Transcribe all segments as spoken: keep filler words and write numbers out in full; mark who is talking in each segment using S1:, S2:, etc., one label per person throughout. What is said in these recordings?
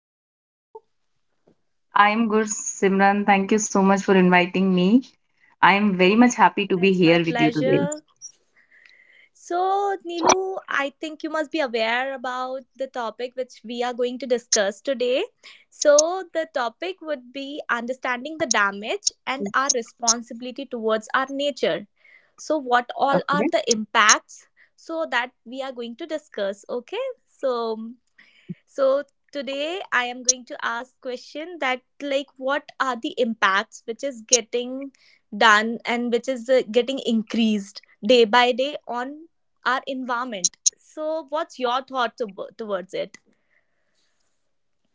S1: How are you?
S2: I'm good, Simran. Thank you so much for inviting me. I am very much happy to be
S1: That's
S2: here
S1: my
S2: with you today.
S1: pleasure. So, Nilu, I think you must be aware about the topic which we are going to discuss today. So, the topic would be understanding the damage and our responsibility towards our nature. So, what all are
S2: Okay.
S1: the impacts? So, that we are going to discuss. Okay. So, So today I am going to ask question that like what are the impacts which is getting done and which is uh, getting increased day by day on our environment. So what's your thought to- towards it?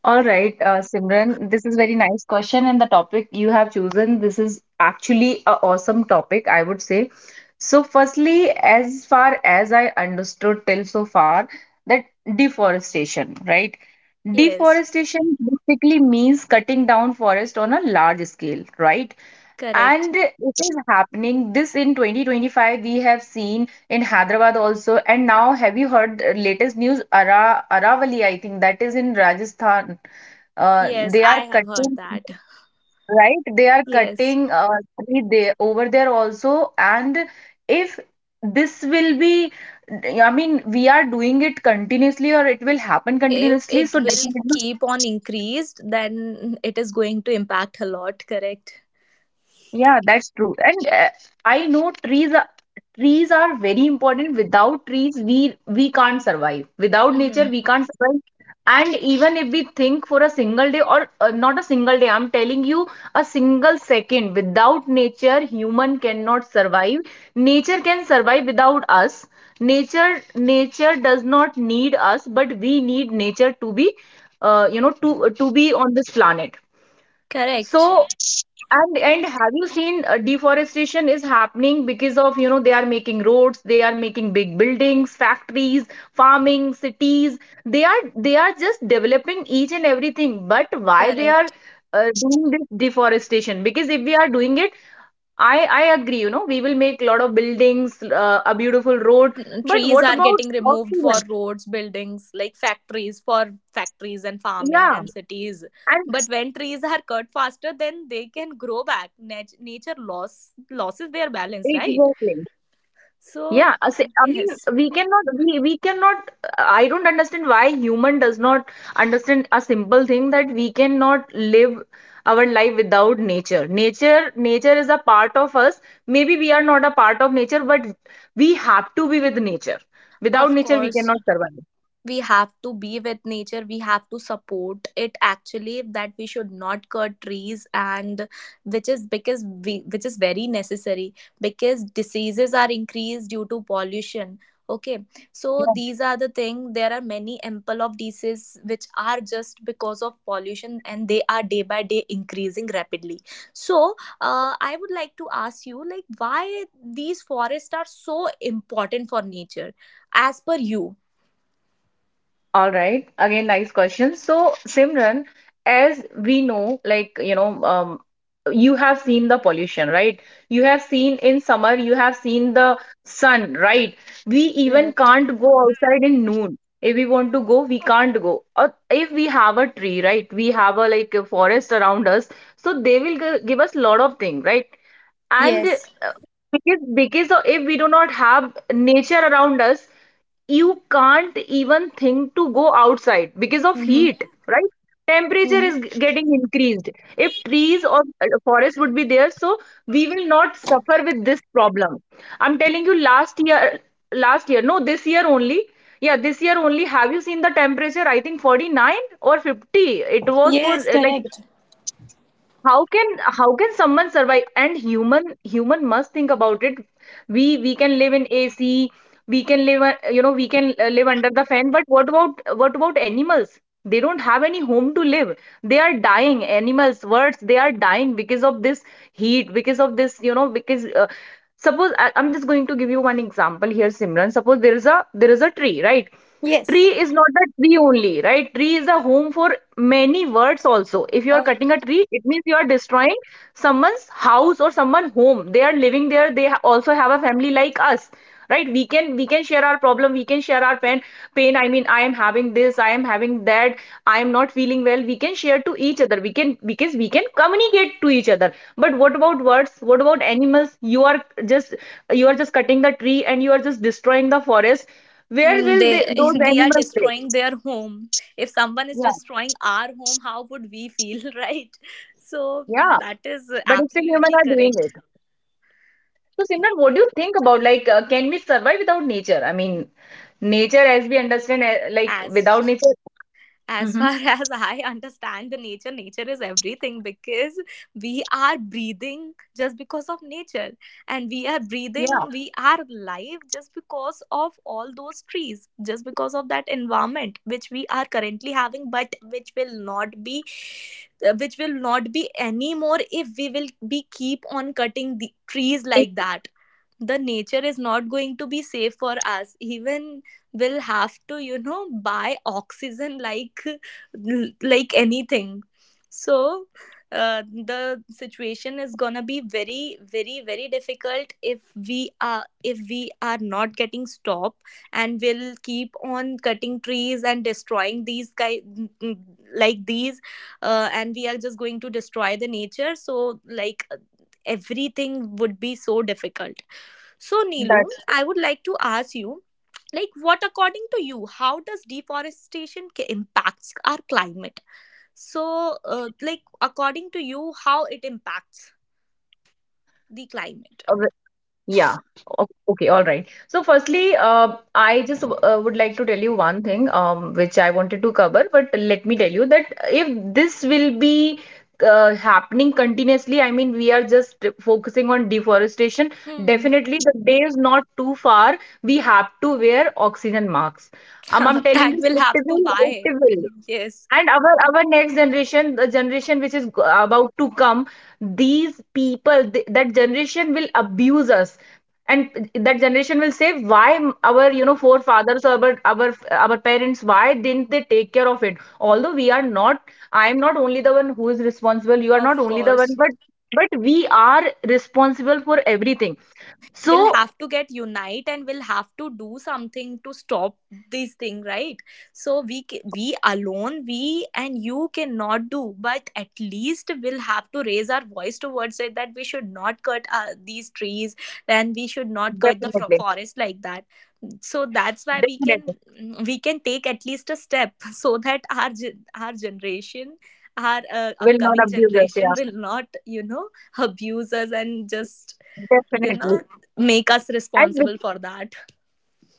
S2: All right, uh, Simran, this is very nice question, and the topic you have chosen, this is actually a awesome topic, I would say. So, firstly, as far as I understood till so far, that deforestation, right?
S1: Yes,
S2: Deforestation basically means cutting down forest on a large scale, right?
S1: correct.
S2: And it is happening. This in twenty twenty-five we have seen in Hyderabad also. And now have you heard uh, latest news? Ara Aravali, I think that is in Rajasthan. Uh,
S1: Yes,
S2: they
S1: I
S2: are
S1: have heard
S2: cutting,
S1: that.
S2: right? They are
S1: Yes.
S2: cutting uh, tree there over there also. And if this will be, I mean, we are doing it continuously or it will happen
S1: If
S2: continuously.
S1: it
S2: So
S1: will
S2: definitely.
S1: keep on increased, then it is going to impact a lot, correct?
S2: Yeah, that's true. And uh, I know trees are trees are very important. Without trees, we we can't survive. Without nature,
S1: Mm-hmm.
S2: we can't survive. And even if we think for a single day or uh, not a single day, I'm telling you, a single second without nature, human cannot survive. Nature can survive without us. Nature nature does not need us, but we need nature to be uh, you know to to be on this planet.
S1: Correct.
S2: So and and have you seen uh, deforestation is happening because of, you know, they are making roads, they are making big buildings, factories, farming, cities. They are they are just developing each and everything. But why they are
S1: Correct.
S2: uh, doing this deforestation? Because if we are doing it, I I agree, you know, we will make a lot of buildings, uh, a beautiful road. But
S1: Trees
S2: what
S1: are getting
S2: about
S1: removed for
S2: oxygen?
S1: roads, buildings, like factories for factories and farming
S2: Yeah,
S1: and cities.
S2: and
S1: But when trees are cut faster then they can grow back, Nat- nature loss losses their balance, right?
S2: exactly.
S1: So
S2: Yeah, I say- I mean,
S1: yes,
S2: we cannot, we, we cannot, I don't understand why human does not understand a simple thing that we cannot live our life without nature. Nature, nature is a part of us. Maybe we are not a part of nature, but we have to be with nature. Without
S1: of
S2: nature, we
S1: course,
S2: cannot survive.
S1: we have to be with nature, we have to support it, actually, that we should not cut trees, and which is because we, which is very necessary because diseases are increased due to pollution. Okay, so these are the thing, there are many ample of diseases which are just because of pollution, and they are day by day increasing rapidly. So uh, I would like to ask you like why these forests are so important for nature, as per you.
S2: All right. Again, nice question. So, Simran, as we know, like, you know, um, you have seen the pollution, right? You have seen in summer, you have seen the sun, right? We even
S1: Correct.
S2: can't go outside in noon. If we want to go, we can't go. Or if we have a tree, right? We have a like a forest around us, so they will gi- give us a lot of things, right? And
S1: Yes.
S2: uh, because because of- if we do not have nature around us, you can't even think to go outside because of
S1: Mm-hmm.
S2: heat, right? Temperature
S1: Hmm.
S2: is g- getting increased. If trees or uh, forest would be there, so we will not suffer with this problem. I'm telling you, last year last year no this year only. Yeah, this year only. Have you seen the temperature? I think forty-nine or fifty it was for
S1: Yes,
S2: uh, like,
S1: correct.
S2: how can how can someone survive? And human human must think about it. We we can live in A C. We can live, uh, you know we can uh, live under the fan. But what about what about animals? They don't have any home to live. They are dying. Animals, birds, they are dying because of this heat, because of this, you know, because uh, suppose I, I'm just going to give you one example here, Simran. Suppose there is a there is a tree right?
S1: Yes.
S2: Tree is not a tree only, right? Tree is a home for many words also. If you are
S1: Oh,
S2: cutting a tree, it means you are destroying someone's house or someone's home. They are living there. They ha- also have a family like us, right? We can we can share our problem. We can share our pain. Pain. I mean, I am having this. I am having that. I am not feeling well. We can share to each other. We can, because we can communicate to each other. But what about words? What about animals? You are just you are just cutting the tree and you are just destroying the forest. Where
S1: and
S2: will
S1: they
S2: they, those
S1: we are
S2: animals, live?
S1: destroying their home. If someone is
S2: Yeah,
S1: destroying our home, how would we feel, right? So
S2: yeah.
S1: that is
S2: But still, humans
S1: absolutely
S2: are doing
S1: correct.
S2: it. So, Simran, what do you think about, like, uh, can we survive without nature? I mean, nature, as we understand, uh, like without
S1: As
S2: nature.
S1: as
S2: Hmm.
S1: far as I understand, the nature nature is everything, because we are breathing just because of nature, and we are
S2: Yeah,
S1: breathing, we are alive, just because of all those trees, just because of that environment which we are currently having, but which will not be, uh, which will not be anymore if we will be keep on cutting the
S2: it-
S1: trees like that. The nature is not going to be safe for us, even will have to, you know buy oxygen, like like anything. So, uh, the situation is gonna be very very very difficult if we are if we are not getting stop, and will keep on cutting trees and destroying these guy, mm, mm, like these, uh, and we are just going to destroy the nature. So like everything would be so difficult. So Nilu,
S2: that's
S1: I would like to ask you, like, what according to you, how does deforestation ca- impacts our climate? So uh, like, according to you, how it impacts the climate?
S2: uh, Yeah. O- Okay. All right. So, firstly, uh, I just uh, would like to tell you one thing, um, which I wanted to cover, but let me tell you that if this will be uh, happening continuously, I mean, we are just focusing on deforestation.
S1: Hmm.
S2: Definitely, the day is not too far. We have to wear oxygen masks. Um, I'm telling
S1: That will
S2: you,
S1: have
S2: it
S1: to
S2: will,
S1: buy.
S2: it will.
S1: Yes,
S2: And our our next generation, the generation which is g- about to come, these people, th that generation will abuse us, and that generation will say, why m- our, you know, forefathers or our our our parents, why didn't they take care of it? Although we are not, I am not only the one who is responsible. You are
S1: of
S2: not only the one,
S1: course,
S2: but but we are responsible for everything. So
S1: will have to get unite and will have to do something to stop these thing, right? So we ca- we alone, we and you cannot do, but at least we'll have to raise our voice towards it that we should not cut uh, these trees, and we should not cut the fro-
S2: definitely,
S1: forest like that. So that's why we can
S2: definitely
S1: we can take at least a step so that our gen- our generation, our uh,
S2: will not
S1: upcoming
S2: abuse us. Yeah,
S1: generation will not, you know abuse us, and just you
S2: definitely.
S1: know make us
S2: And
S1: responsible for that.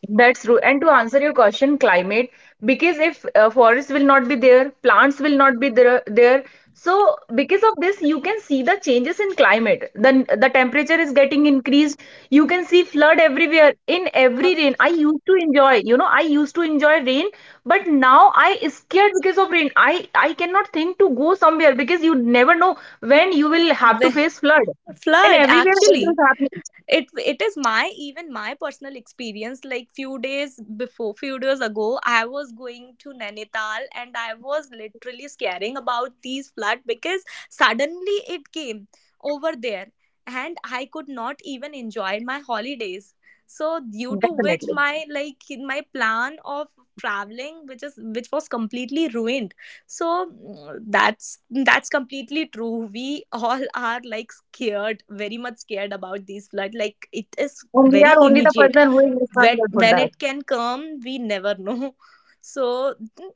S2: That's true. And to answer your question, climate, because if uh, forests will not be there, plants will not be there, there. So because of this, you can see the changes in climate. Then the temperature is getting increased. You can see flood everywhere in
S1: Uh,
S2: every rain. I used to enjoy, you know, I used to enjoy rain, but now I is scared because of rain. I I cannot think to go somewhere because you never know when you will have to face
S1: wh-
S2: flood. And
S1: Flood,
S2: everywhere
S1: actually,
S2: it is happening.
S1: it it is my, even my personal experience. Like, few days before few days ago, I was going to Nainital, and I was literally scaring about these flood, because suddenly it came over there, and I could not even enjoy my holidays. So, due to which
S2: Definitely.
S1: my, like my plan of traveling, which is which was completely ruined. So mm, that's that's completely true. We all are like scared, very much scared about these flood, like it is
S2: And we are
S1: very
S2: only the person
S1: immediate.
S2: who is responsible
S1: when
S2: for that.
S1: when it can come we never know so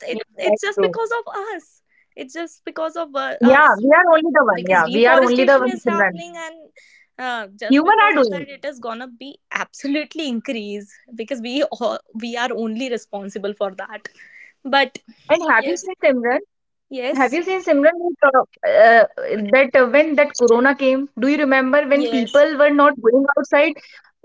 S2: Yes,
S1: it,
S2: that's
S1: it's just
S2: true.
S1: because of us, it's just because of uh,
S2: Yeah,
S1: us,
S2: we are only the one.
S1: because
S2: Yeah, we are only the
S1: deforestation
S2: one,
S1: is
S2: Simran.
S1: happening, and uh, just
S2: Human
S1: because
S2: are
S1: of that
S2: doing.
S1: it is gonna be absolutely increase, because we all, we are only responsible for that. But
S2: And have you
S1: yes,
S2: seen, Simran? Have
S1: yes,
S2: you seen Simran uh, uh, that uh, when that corona came? Do you remember when
S1: yes.
S2: people were not going outside?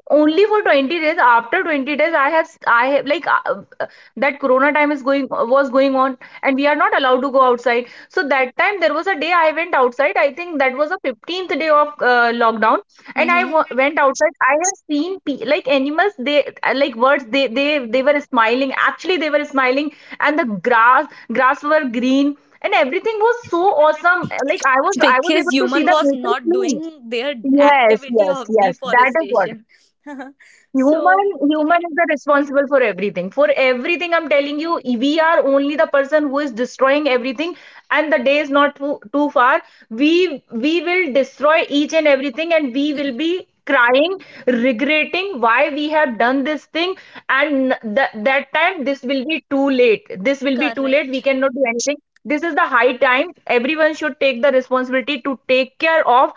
S2: Only for twenty days. After twenty days, i have i have like, uh, uh, that corona time is going uh, was going on, and we are not allowed to go outside. So that time there was a day I went outside. I think that was a fifteenth day of uh, lockdown. And I w
S1: Hmm.
S2: went outside. I have seen, pe- like, animals, they uh, like birds, they they they were smiling. Actually, they were smiling. And the grass grass were green, and everything was so awesome. Like, i was i was
S1: Because
S2: able to see
S1: human
S2: the
S1: was
S2: nature
S1: not
S2: clean.
S1: doing their
S2: Yes,
S1: activity
S2: yes,
S1: of
S2: yes, that is what.
S1: deforestation. So
S2: Human, human is the responsible for everything. For everything, I'm telling you, we are only the person who is destroying everything, and the day is not too, too far. We we will destroy each and everything, and we will be crying, regretting why we have done this thing. And that that time, this will be too late. This will be too late. We
S1: correct.
S2: cannot do anything. This is the high time everyone should take the responsibility to take care of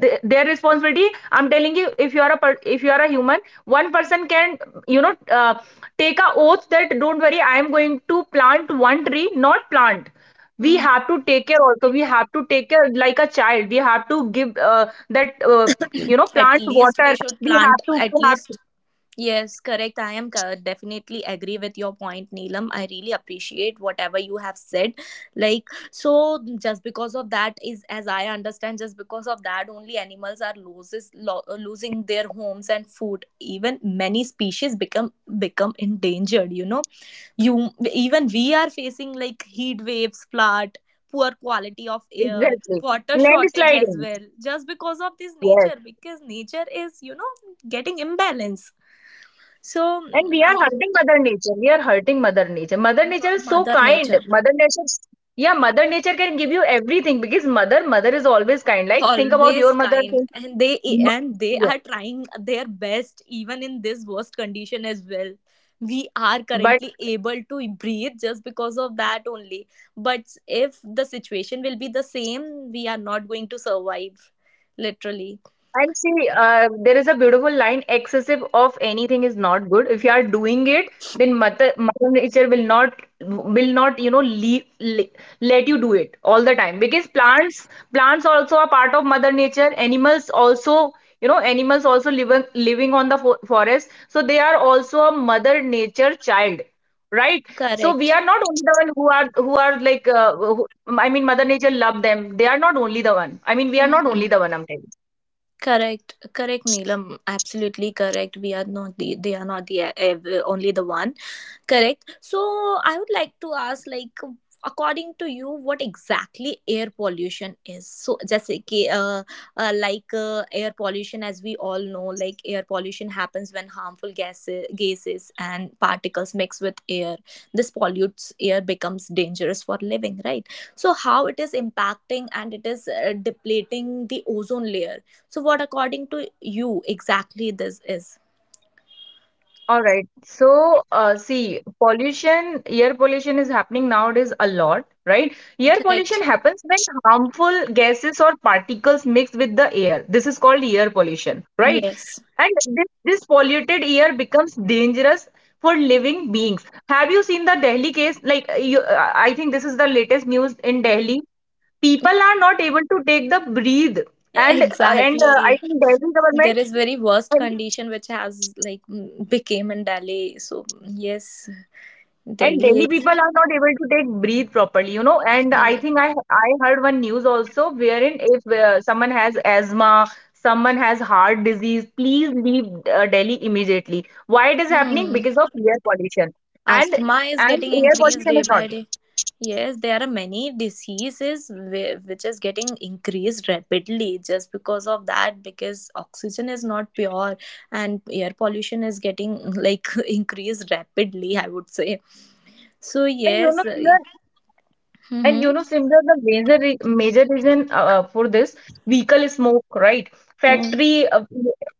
S2: th- their responsibility. I'm telling you, if you are a if you are a human, one person can, you know, uh, take a oath that, don't worry, I am going to plant one tree. Not plant, we
S1: Mm.
S2: have to take care also. We have to take care like a child. We have to give, uh, that uh, you know,
S1: At
S2: plant
S1: least
S2: water.
S1: we should
S2: we
S1: plant,
S2: have to
S1: at
S2: we have
S1: least.
S2: to
S1: Yes, correct. I am co- definitely agree with your point, Neelam. I really appreciate whatever you have said. Like, so, just because of that, is as I understand, just because of that only animals are loses lo- losing their homes and food. Even many species become become endangered, you know, you even, we are facing like heat waves, flood, poor quality of air,
S2: Exactly.
S1: water shortage as
S2: Landsliding.
S1: well, just because of this
S2: Yes.
S1: nature, because nature is, you know getting imbalance. So
S2: And
S1: mm,
S2: we are
S1: I,
S2: hurting Mother Nature. We are hurting Mother Nature. Mother Nature is so
S1: Mother
S2: kind.
S1: Nature
S2: Mother Nature, yeah, Mother Nature can give you everything because mother, mother is always kind. Like, think about your
S1: always
S2: mother.
S1: kind,
S2: Think,
S1: and they
S2: m-
S1: and they
S2: yeah.
S1: are trying their best even in this worst condition as well. We are
S2: But,
S1: currently able to breathe just because of that only, but if the situation will be the same, we are not going to survive, literally.
S2: and see, uh, there is a beautiful line, excessive of anything is not good. If you are doing it, then mother, mother nature will not will not, you know, leave, le- let you do it all the time, because plants plants also are part of mother nature. Animals also, you know, animals also living living on the fo forest, so they are also a mother nature child, right? So we
S1: Correct.
S2: are not only the one who are who are like uh, who, I mean, mother nature love them. They are not only the one. I mean, we are not only
S1: Mhm.
S2: the one. I'm telling.
S1: Correct, correct, Neelam. Absolutely correct. We are not the, They are not the ev- only the one. Correct. So I would like to ask, like, according to you, what exactly air pollution is? So, just like, uh, uh, like uh, air pollution, as we all know, like, air pollution happens when harmful gases, gases and particles mix with air. This pollutes air, becomes dangerous for living, right? So, how it is impacting, and it is uh, depleting the ozone layer. So, what according to you exactly this is?
S2: All right. So, uh, see, pollution, air pollution is happening nowadays a lot, right? Air pollution
S1: Correct.
S2: happens when harmful gases or particles mix with the air. This is called air pollution, right?
S1: Yes.
S2: And this, this polluted air becomes dangerous for living beings. Have you seen the Delhi case? Like, uh, you, uh, I think this is the latest news in Delhi. People are not able to take the breathe, and uh, and uh, I
S1: Exactly.
S2: think Delhi government.
S1: There is very worst condition which has like, mm, became in Delhi. So yes,
S2: And
S1: Delhi
S2: Delhi
S1: is.
S2: people are not able to take breathe properly, you know. And I
S1: Hmm.
S2: think I I heard one news also wherein if uh, someone has asthma, someone has heart disease, please leave uh, Delhi immediately. Why it is happening?
S1: hmm,
S2: Because of air pollution. And
S1: Asthma is
S2: and
S1: getting
S2: air
S1: increased day
S2: pollution is not.
S1: by day. Yes, there are many diseases whi- which is getting increased rapidly, just because of that, because oxygen is not pure, and air pollution is getting like increased rapidly, I would say. So
S2: And you
S1: yes.
S2: know, Simran, and you know,
S1: Mm-hmm.
S2: Simran, the major re- major reason uh, uh, for this vehicle smoke, right? Factory, uh,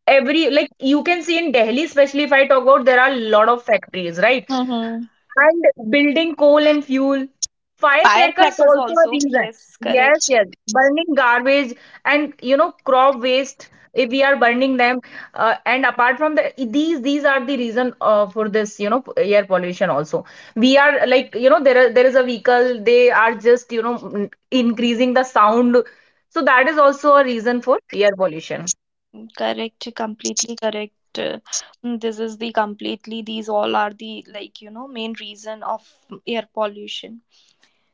S2: every like you can see in Delhi, especially if I talk about, there are a lot of factories, right?
S1: Mm-hmm.
S2: And building coal and fuel. Firecrackers
S1: Firecrackers
S2: also a
S1: also.
S2: reason.
S1: Yes,
S2: Yes,
S1: correct.
S2: yes. Burning garbage and you know crop waste if we are burning them. Uh, and apart from the these these are the reason uh, for this you know air pollution also. We are like you know there are, there is a vehicle they are just you know n- increasing the sound. So that is also a reason for air pollution.
S1: Correct. Completely correct. Uh, This is the completely, these all are the like, you know, main reason of air pollution.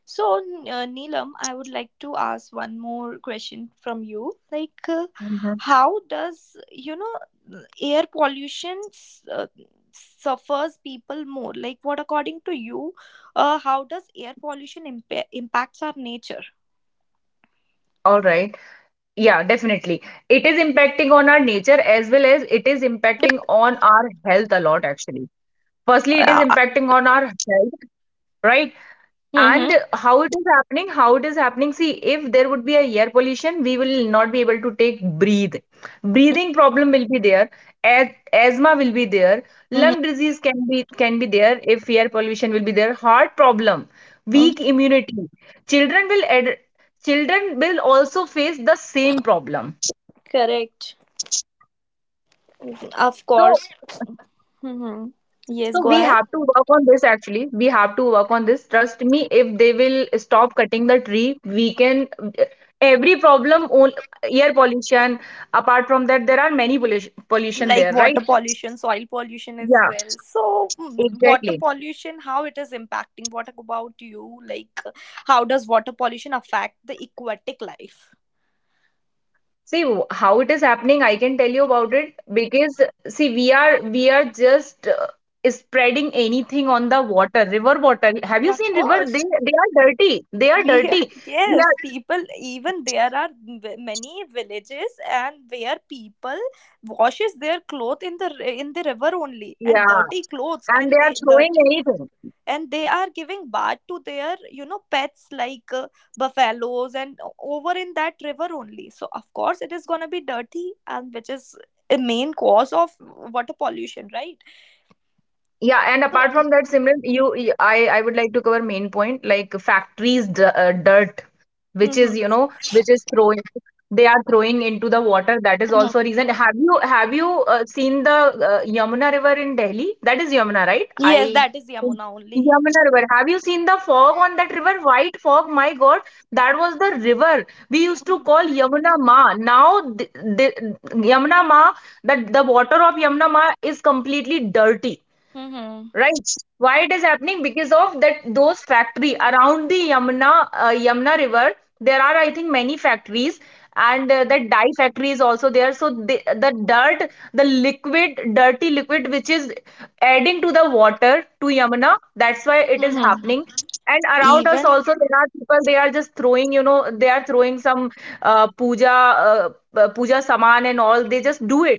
S1: So, N- uh, Neelam, I would like to ask one more question from you. Like, uh,
S2: Mhm.
S1: how does, you know, air pollution s- uh, suffers people more? Like, what according to you, uh, how does air pollution impa- impacts our nature?
S2: All right. Yeah, definitely. It is impacting on our nature as well as it is impacting on our health a lot, actually. Firstly, it is
S3: Yeah.
S2: impacting on our health, right?
S3: Mm-hmm.
S2: And how it is happening, how it is happening. See, if there would be a air pollution, we will not be able to take breathe. Breathing problem will be there. As, asthma will be there. Lung disease can be can be there if air pollution will be there. Heart problem,
S3: Mm-hmm.
S2: weak immunity. Children will ad, children will also face the same problem.
S3: Correct. Of
S2: So.
S3: course. Mm-hmm. Yes,
S2: So
S3: go
S2: we
S3: ahead.
S2: have to work on this actually. We have to work on this. Trust me, if they will stop cutting the tree, we can. Every problem, on- air pollution, apart from that, there are many pollution, pollution
S3: Like
S2: there,
S3: water
S2: right?
S3: pollution, soil pollution as
S2: Yeah,
S3: well. So, mm, water
S2: exactly.
S3: pollution, how it is impacting? What about you? Like, how does water pollution affect the aquatic life?
S2: See w- how it is happening, I can tell you about it because see, we are we are just uh, spreading anything on the water, river water. Have you
S3: Yeah, of
S2: seen river?
S3: course.
S2: They they are dirty. They are
S3: We are-
S2: dirty. We
S3: yes,
S2: are,
S3: people, even there are v- many villages and where people washes their clothes in the r- in the river only, and
S2: yeah,
S3: dirty clothes,
S2: and
S3: and
S2: they are
S3: they
S2: throwing
S3: dirty,
S2: anything.
S3: and they are giving bath to their you know pets like uh, buffaloes and over, in that river only. So of course it is going to be dirty, and which is a main cause of water pollution, right?
S2: Yeah, and apart
S3: So
S2: from that, Simran, you, you- I, I would like to cover main point like factories d uh, dirt, which is you
S3: mhm.
S2: know, which is throwing, they are throwing into the water. That is
S3: Mhm.
S2: also a reason. Have you have you uh, seen the uh, Yamuna River in Delhi? That is Yamuna, right?
S3: Yes,
S2: I
S3: that is Yamuna only.
S2: Yamuna River. Have you seen the fog on that river? White fog. My God, that was the river we used to
S3: Mhm.
S2: call Yamuna Ma. Now the, the Yamuna Ma, that the water of Yamuna Ma is completely dirty.
S3: Mhm.
S2: Right. Why it is happening? Because of that those factory around the Yamuna uh, Yamuna River, there are I think many factories and uh, that dye factory is also there. So the, the dirt, the liquid, dirty liquid which is adding to the water to Yamuna, that's why it is
S3: Mhm.
S2: happening. And around us
S3: Even
S2: also there are people they are just throwing, you know, they are throwing some uh, puja uh, uh, puja saman and all. They just do it.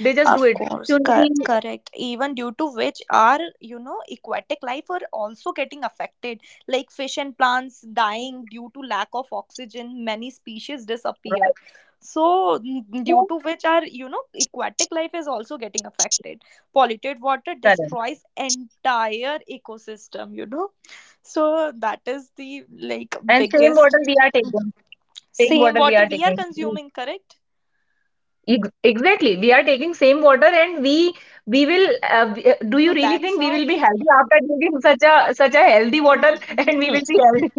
S2: They just do
S3: of
S2: it.
S3: course, cor- correct. Even due to which our, you know, aquatic life are also getting affected, like fish and plants dying due to lack of oxygen. Many species disappear. So, n- due to which our, you know, aquatic life is also getting affected. Polluted water
S2: Correct.
S3: destroys entire ecosystem. You know, so that is the like
S2: And same
S3: biggest
S2: water we are taking. Same
S3: same
S2: water we
S3: water
S2: are
S3: we are
S2: taking.
S3: consuming. Correct.
S2: Ex- Exactly. We are taking same water and we we will uh, b- uh, do
S3: So
S2: you really
S3: that's
S2: think we
S3: how.
S2: will be healthy after drinking such a such a healthy water and we will be
S3: Mhm.
S2: healthy?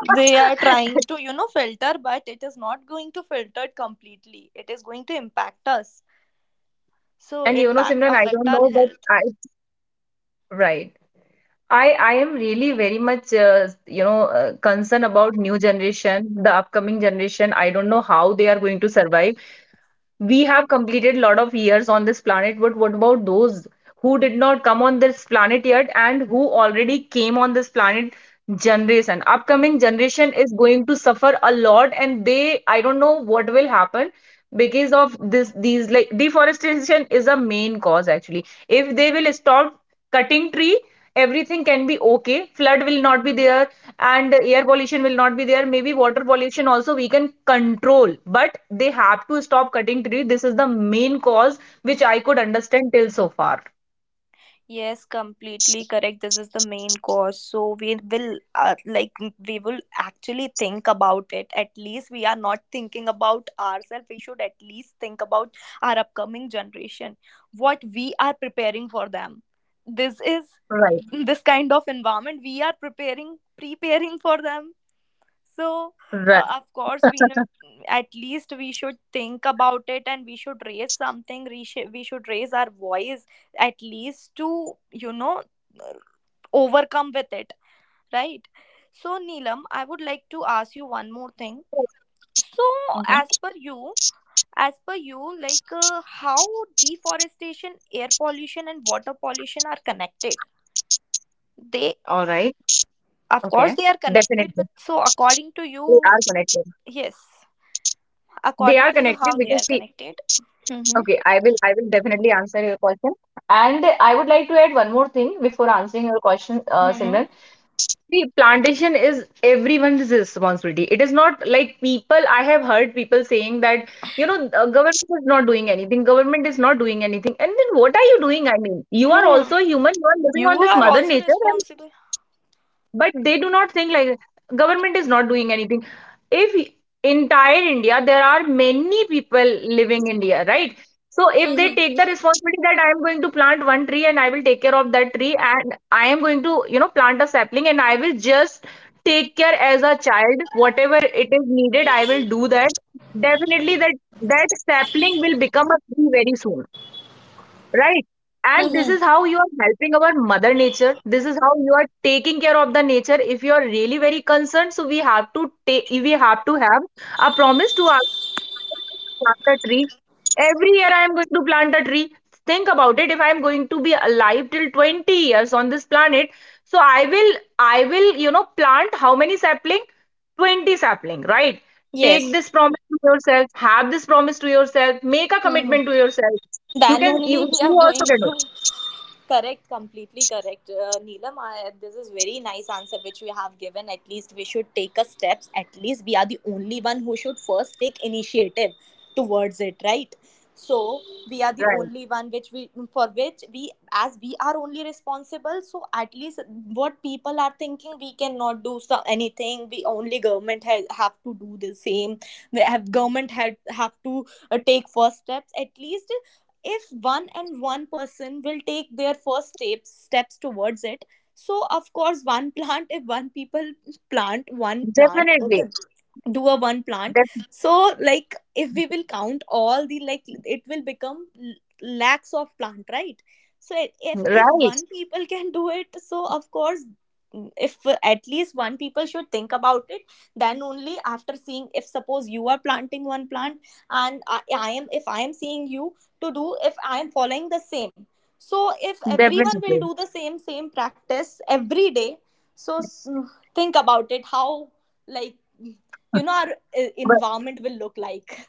S3: They are trying to you know filter, but it is not going to filter it completely. It is going to impact us, so
S2: And you know,
S3: impact
S2: Simran, I
S3: affect
S2: don't
S3: our
S2: know, but
S3: health.
S2: I right. I I am really very much uh, you know uh, concerned about new generation, the upcoming generation. I don't know how they are going to survive. We have completed a lot of years on this planet, but what about those who did not come on this planet yet and who already came on this planet generation? Upcoming generation is going to suffer a lot, and they, I don't know what will happen because of this these like deforestation is a main cause actually. If they will stop cutting tree, everything can be okay, flood will not be there, and air pollution will not be there, maybe water pollution also we can control, but they have to stop cutting tree. This is the main cause which I could understand till so far.
S3: Yes, completely correct. This is the main cause. So we will, uh, like, we will actually think about it. At least we are not thinking about ourselves. We should at least think about our upcoming generation. What we are preparing for them. This is
S2: Right,
S3: this kind of environment we are preparing preparing for them. So,
S2: right.
S3: uh, of course, we know at least we should think about it, and we should raise something. We, sh- we should raise our voice at least to, you know, overcome with it, right? So, Neelam, I would like to ask you one more thing. So,
S2: Mhm.
S3: as per you, as per you, like uh, how deforestation, air pollution, and water pollution are connected? They,
S2: All right.
S3: of course,
S2: Okay.
S3: they are connected
S2: Definitely.
S3: with. So, according to
S2: They
S3: you,
S2: are connected.
S3: yes.
S2: They
S3: According
S2: are
S3: to you,
S2: connected
S3: how they
S2: because
S3: are
S2: see,
S3: connected? Mm-hmm.
S2: okay, I will I will definitely answer your question. And I would like to add one more thing before answering your question, uh,
S3: Mm-hmm.
S2: Simran. See, plantation is everyone's responsibility. It is not like people, I have heard people saying that, you know, uh, government is not doing anything, government is not doing anything. And then what are you doing? I mean, you are
S3: Hmm.
S2: also a human, you are living on
S3: You
S2: this
S3: are
S2: mother
S3: also
S2: nature,
S3: responsible.
S2: but they do not think like government is not doing anything. If entire India there are many people living India, right? So if they
S3: Mm-hmm.
S2: take the responsibility that I am going to plant one tree and I will take care of that tree, and I am going to you know plant a sapling and I will just take care as a child whatever it is needed I will do that. Definitely that that sapling will become a tree very soon. Right. And this
S3: Mm-hmm.
S2: is how you are helping our mother nature. This is how you are taking care of the nature. If you are really very concerned, so we have to take, we have to have a promise to our plant a tree. Every year I am going to plant a tree. Think about it. If I am going to be alive till twenty years on this planet, so I will, I will, you know, plant how many sapling? twenty sapling, right? Take
S3: Yes.
S2: this promise to yourself. Have this promise to yourself. Make a commitment to
S3: Mm-hmm.
S2: yourself. You
S3: Then
S2: can,
S3: only
S2: you,
S3: we are
S2: you also
S3: going
S2: can do
S3: to.
S2: it.
S3: Correct, completely correct, uh, Neelam. I, this is very nice answer which you have given. At least we should take a steps. At least we are the only one who should first take initiative towards it, right? So we
S2: Right.
S3: are the only one which we, for which we, as we are only responsible. So at least what people are thinking, we cannot do so, anything. We only, government has have to do the same. We have government had have to uh, take first steps. At least if one and one person will take their first steps steps towards it. So of course one plant, if one people plant one plant, okay,
S2: Definitely.
S3: do a one plant.
S2: Def-
S3: So like if we will count all the, like, it will become l- lakhs of plant, right? So i- if if
S2: right.
S3: one people can do it, so of course mm, if at least one people should think about it, then only, after seeing, if suppose you are planting one plant, and i, I am, if I am seeing you to do, if I am following the same. So, if everyone will
S2: Definitely.
S3: do the same, same practice every day, so think about it how, like, you know, our uh, environment will look like.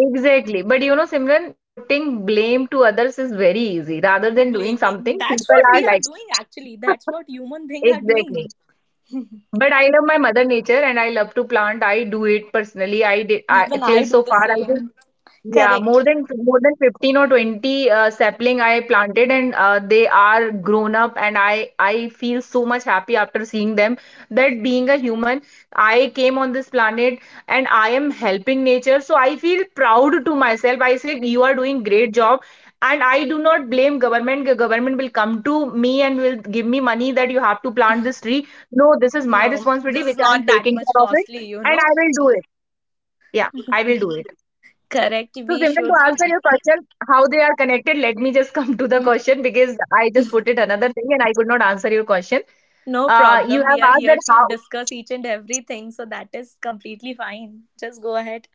S2: Exactly. But you know, Simran, putting blame to others is very easy. Rather than doing
S3: Blaming.
S2: something,
S3: That's
S2: people
S3: what
S2: are
S3: we
S2: like,
S3: are doing actually. That's what human beings are
S2: exactly.
S3: doing.
S2: But I love my mother nature and I love to plant. I do it personally. I did I,
S3: Even
S2: till
S3: I
S2: so
S3: do the
S2: far I did
S3: same.
S2: yeah, more
S3: Correct.
S2: than more than fifteen or twenty uh, sapling I planted and uh, they are grown up and I I feel so much happy after seeing them that being a human I came on this planet and I am helping nature so I feel proud to myself. I say you are doing great job. And I do not blame government. The government will come to me and will give me money that you have to plant this tree. No, this is my
S3: No, this
S2: responsibility
S3: is
S2: which I am
S3: not that
S2: taking
S3: much
S2: care of it
S3: costly, you
S2: and
S3: know.
S2: I will do it. Yeah, I will do it.
S3: Correct.
S2: So
S3: We
S2: Simran, to
S3: should.
S2: answer your question, how they are connected, let me just come to the question because I just put it another thing and I could not answer your question.
S3: No
S2: Uh, you
S3: problem. We
S2: have
S3: are
S2: asked
S3: here
S2: that
S3: to
S2: how
S3: discuss each and everything, so that is completely fine. Just go ahead.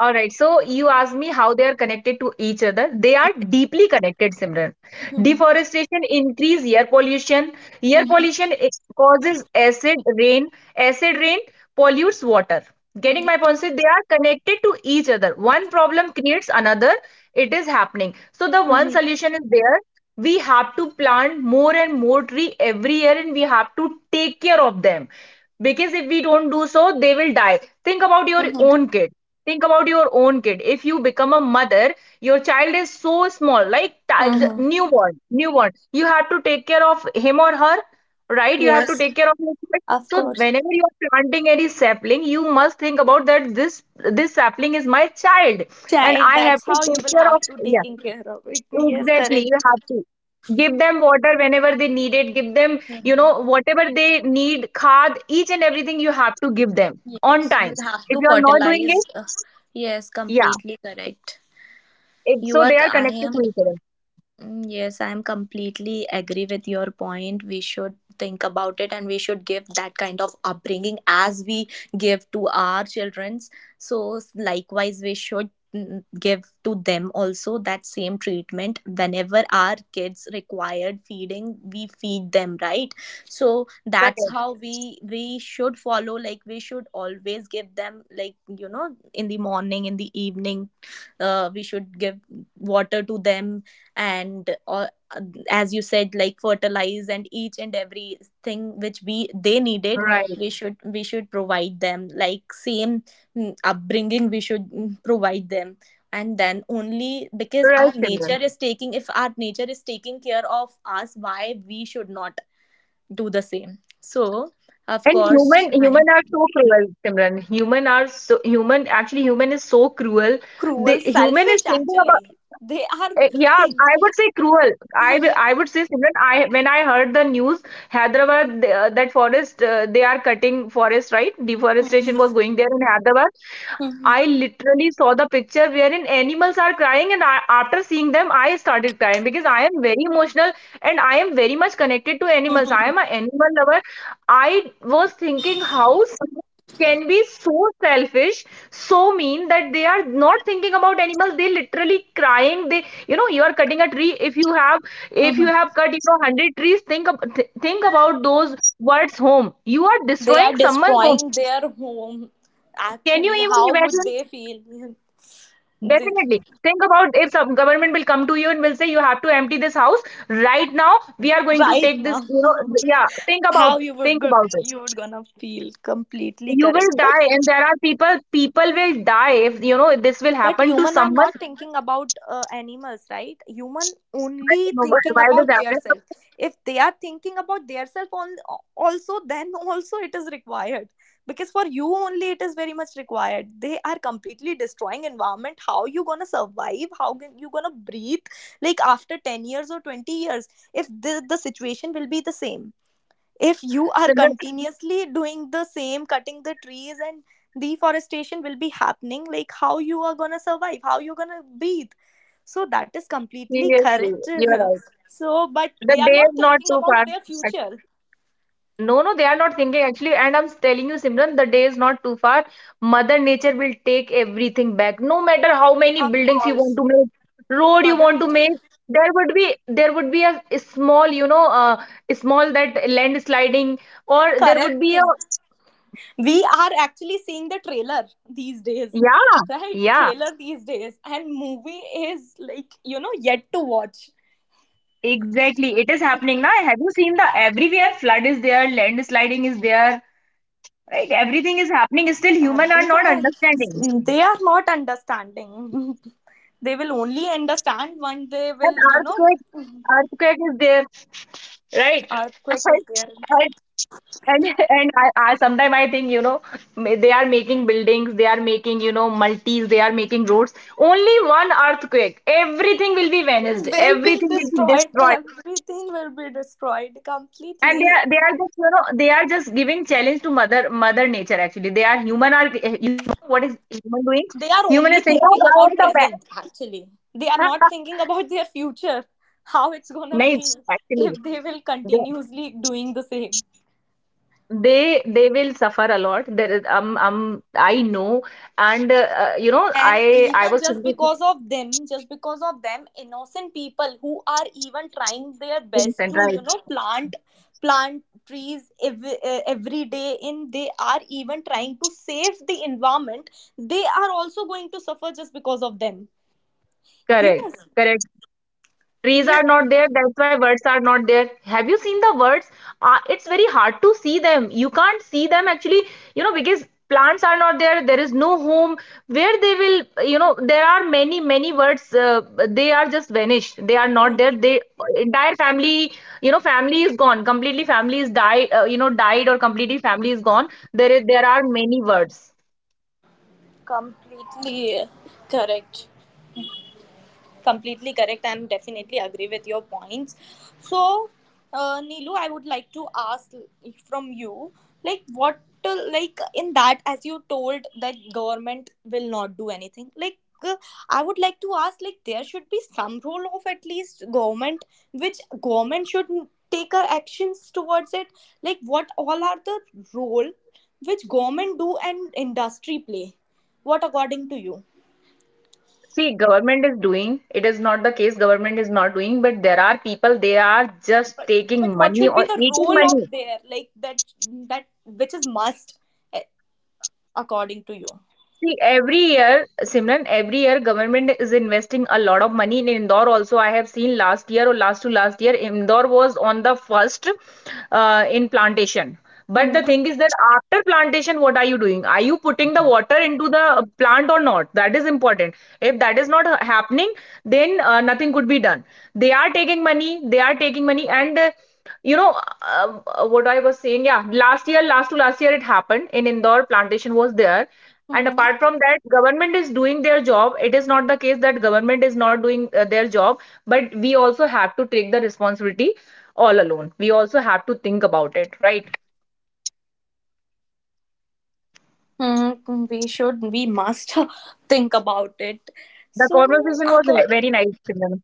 S2: All right. So you asked me how they are connected to each other. They are deeply connected, Simran.
S3: Mhm,
S2: Deforestation increases air pollution. Air
S3: mhm,
S2: pollution i- causes acid rain. Acid rain pollutes water. Getting
S3: mhm,
S2: my point? So they are connected to each other. One problem creates another. It is happening. So the one
S3: mhm,
S2: solution is there. We have to plant more and more tree every year, and we have to take care of them. Because if we don't do so, they will die. Think about your
S3: mhm,
S2: own kid. Think about your own kid. If you become a mother, your child is so small, like ti- the
S3: mhm.
S2: newborn, newborn. You have to take care of him or her, right? You have to
S3: Yes,
S2: take care of your kid.
S3: of
S2: So
S3: course.
S2: whenever you are planting any sapling, you must think about that this this sapling is my child, and
S3: Child,
S2: I
S3: that's
S2: have to
S3: how you
S2: take
S3: will
S2: care
S3: have
S2: of.
S3: to
S2: Yeah,
S3: taking care of it. Yes,
S2: exactly. You
S3: correct.
S2: have to give them water whenever they need it. Give them, you
S3: Mhm.
S2: know, whatever they need. Khad, each and everything you have to give them on
S3: Yes,
S2: time.
S3: we'll have
S2: If
S3: to
S2: you are not doing
S3: fertilize.
S2: it.
S3: Uh, yes,
S2: Yeah,
S3: completely correct.
S2: it,
S3: You
S2: so
S3: are.
S2: they are
S3: I
S2: connected
S3: am
S2: to each other.
S3: Mm, yes, I am completely agree with your point. We should think about it and we should give that kind of upbringing as we give to our childrens. So s- likewise, we should mm, give to them also that same treatment. Whenever our kids required feeding, we feed them, right? So that's
S2: Correct.
S3: how we we should follow, like we should always give them, like, you know, in the morning, in the evening, uh, we should give water to them, and uh, as you said, like fertilize and each and every thing which we they
S2: Right.
S3: needed. We should we should provide them, like, same mm, upbringing, we should mm, provide them. And then only, because our
S2: Right, Simran.
S3: nature is taking, if our nature is taking care of us, why we should not do the same? So of
S2: And
S3: course.
S2: human human
S3: I'm
S2: are so cruel, Simran. Human are so human actually human is so cruel. The
S3: cruel,
S2: human is
S3: selfish
S2: thinking
S3: actually.
S2: about
S3: They are
S2: eh, yeah, I would say cruel. I
S3: they,
S2: will- I would say Simran. I when I heard the news, Hyderabad the- uh, that forest uh, they are cutting forest, right. Deforestation was going there in Hyderabad. I literally saw the picture wherein animals are crying, and I, after seeing them, I started crying because I am very emotional and I am very much connected to animals. I
S3: mhm,
S2: am an animal lover. I was thinking how someone can be so selfish, so mean that they are not thinking about animals. They literally crying. They, you know, you are cutting a tree. If you have, if you
S3: mhm.
S2: have cut, you know, hundred trees, think ab- th- think about those words home. You are
S3: They
S2: destroying
S3: are
S2: someone's home.
S3: destroying their home.
S2: Can you
S3: Actually,
S2: even
S3: how would
S2: imagine?
S3: they feel? They-
S2: Definitely. Think about if some government will come to you and will say you have to empty this house right now. We are going to
S3: right
S2: take this,
S3: now?
S2: you know, th- yeah. Think
S3: How
S2: about
S3: you would
S2: think
S3: go,
S2: about this.
S3: you would gonna feel, completely
S2: You will
S3: correct. but
S2: die, and there are people. People will die if you know this will
S3: but
S2: happen to
S3: human are
S2: someone.
S3: not thinking about uh, animals, right? Human only
S2: No, but
S3: thinking
S2: why does
S3: about their
S2: happen?
S3: self. If they are thinking about their self on, also, then also it is required. Because for you only it is very much required. They are completely destroying environment. How you gonna survive? How can you gonna breathe, like after ten years or twenty years, if the, the situation will be the same? If you are
S2: Similar,
S3: continuously doing the same, cutting the trees, and deforestation will be happening, like how you are gonna survive, how you're gonna breathe? So that is completely
S2: seriously,
S3: correct.
S2: you're right.
S3: So but
S2: The
S3: they are
S2: day
S3: not
S2: is not
S3: thinking
S2: too
S3: about
S2: far.
S3: their future.
S2: No, no, they are not thinking actually. And I'm telling you, Simran, the day is not too far. Mother Nature will take everything back. No matter how many
S3: Of
S2: buildings you want
S3: course.
S2: to make, road you
S3: Mother
S2: want to
S3: nature.
S2: make, there would be there would be a, a small, you know, uh, a small that landsliding, or there would
S3: Correct.
S2: be a
S3: We are actually seeing the trailer these days,
S2: yeah,
S3: right?
S2: yeah,
S3: Trailer these days, and movie is, like, you know, yet to watch.
S2: exactly. It is happening now. Have you seen the everywhere flood is there, landsliding is there, right? Everything is happening. Still, human are
S3: Everything
S2: not
S3: is,
S2: understanding.
S3: they are not understanding. They will only understand when they
S2: That
S3: will, you know,
S2: earthquake, earthquake is there, right.
S3: earthquake is there.
S2: and and, and I, I sometimes I think, you know ma- they are making buildings, they are making, you know, multis, they are making roads. Only one earthquake, everything will be vanished,
S3: Will be
S2: everything will be
S3: destroyed.
S2: destroyed.
S3: Everything will be destroyed
S2: And they
S3: completely.
S2: are they are just, you know, they are just giving challenge to mother mother nature. Actually, they are human are, you know, what is human doing?
S3: They are
S2: Human is
S3: only
S2: saying, "Oh,
S3: thinking
S2: why on
S3: about
S2: the
S3: present actually. They are
S2: back?"
S3: not thinking about their future, how it's
S2: No,
S3: gonna be.
S2: actually
S3: If they will continuously doing the same.
S2: They they will suffer a lot. There is um um I know, and uh, uh, you know,
S3: And
S2: I I
S3: even,
S2: was
S3: just
S2: thinking,
S3: because of them, just because of them, innocent people who are even trying their best to, you know,
S2: right.
S3: plant plant trees every, uh, every day in. They are even trying to save the environment. They are also going to suffer just because of them, you know.
S2: Correct, correct. Trees
S3: Yeah,
S2: are not there, that's why birds are not there. Have you seen the birds? Uh, it's very hard to see them. You can't see them actually, you know, because plants are not there, there is no home where they will, you know. There are many many birds, uh, they are just vanished, they are not there. They entire family, you know, family is gone completely, family is died, uh, you know, died or completely family is gone. There is there are many birds.
S3: completely correct, completely correct. I'm definitely agree with your points. So uh, Nilu, I would like to ask from you, like what, uh, like in that, as you told that government will not do anything, like, uh, I would like to ask, like, there should be some role of at least government, which government should take uh, actions towards it. Like what all are the role which government do and industry play, what according to you?
S2: See, government is doing. It is not the case government is not doing, but there are people, they are just
S3: but, but
S2: taking
S3: what
S2: money
S3: should be
S2: or
S3: the
S2: eating
S3: role of
S2: money.
S3: there like that, that which is must, eh, according to you?
S2: See, every year, Simran, every year government is investing a lot of money in Indore also. I have seen last year or last to last year, Indore was on the first, uh, in plantation. But the thing is that after plantation, what are you doing? Are you putting the water into the plant or not? That is important. If that is not happening, then uh, nothing could be done. They are taking money, they are taking money, and uh, you know, um, uh, what I was saying, yeah, last year, last to last year, it happened in Indore, plantation was there. And apart
S3: Mm-hmm.
S2: from that, government is doing their job. It is not the case that government is not doing uh, their job, but we also have to take the responsibility. All alone, we also have to think about it, right.
S4: Hmm, we should, we must think about it.
S2: The
S4: So, mm,
S2: conversation was ve-
S4: according
S2: very nice, Simran.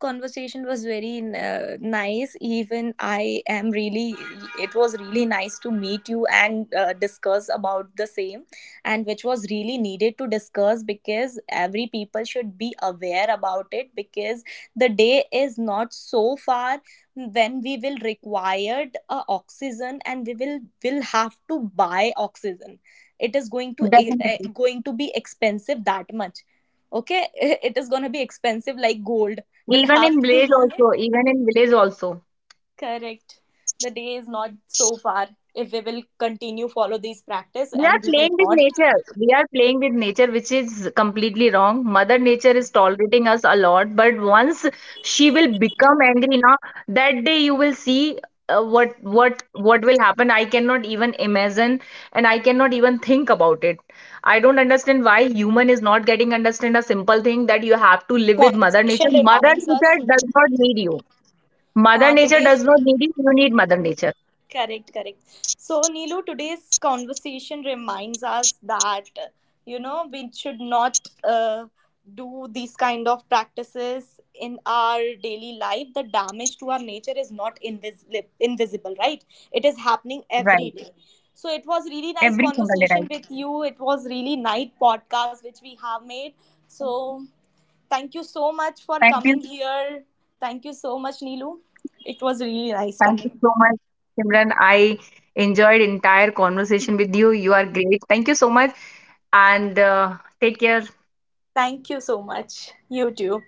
S4: conversation was very uh, nice. Even I am really, it was really nice to meet you and uh, discuss about the same, and which was really needed to discuss because every people should be aware about it. Because the day is not so far when we will required uh, oxygen, and we will will have to buy oxygen. It is going to eh, eh,
S2: Definitely.
S4: going to be expensive that much. Okay, it is going to be expensive like gold. We'll
S2: Even
S4: have
S2: in
S4: to.
S2: village also, even in village also.
S4: Correct. The day is not so far if we will continue follow these practice,
S2: We are
S4: and we will
S2: playing with
S4: not
S2: nature. We are playing with nature, which is completely wrong. Mother Nature is tolerating us a lot, but once she will become angry, now that day you will see uh, what what what will happen. I cannot even imagine, and I cannot even think about it. I don't understand why human is not getting understand a simple thing that you have to live with Mother Nature.
S5: Conversation
S2: Mother
S5: reminds us,
S2: Nature does not need you. Mother
S5: uh,
S2: Nature
S5: today's
S2: does not need you. You need Mother Nature.
S5: correct correct So Nilu, today's conversation reminds us that uh, you know we should not uh, do these kind of practices in our daily life. The damage to our nature is not invisible invisible, right? It is happening
S2: Right.
S5: every day. So it was really nice
S2: Every single day,
S5: conversation
S2: right.
S5: with you. It was really nice podcast which we have made. So thank you so much for
S2: Thank you.
S5: coming here. Thank you so much, Nilu. It was really nice
S2: Thank you
S5: time.
S2: so much, Simran. I enjoyed entire conversation with you. You are great. Thank you so much, and uh, take care.
S5: Thank you so much. You too.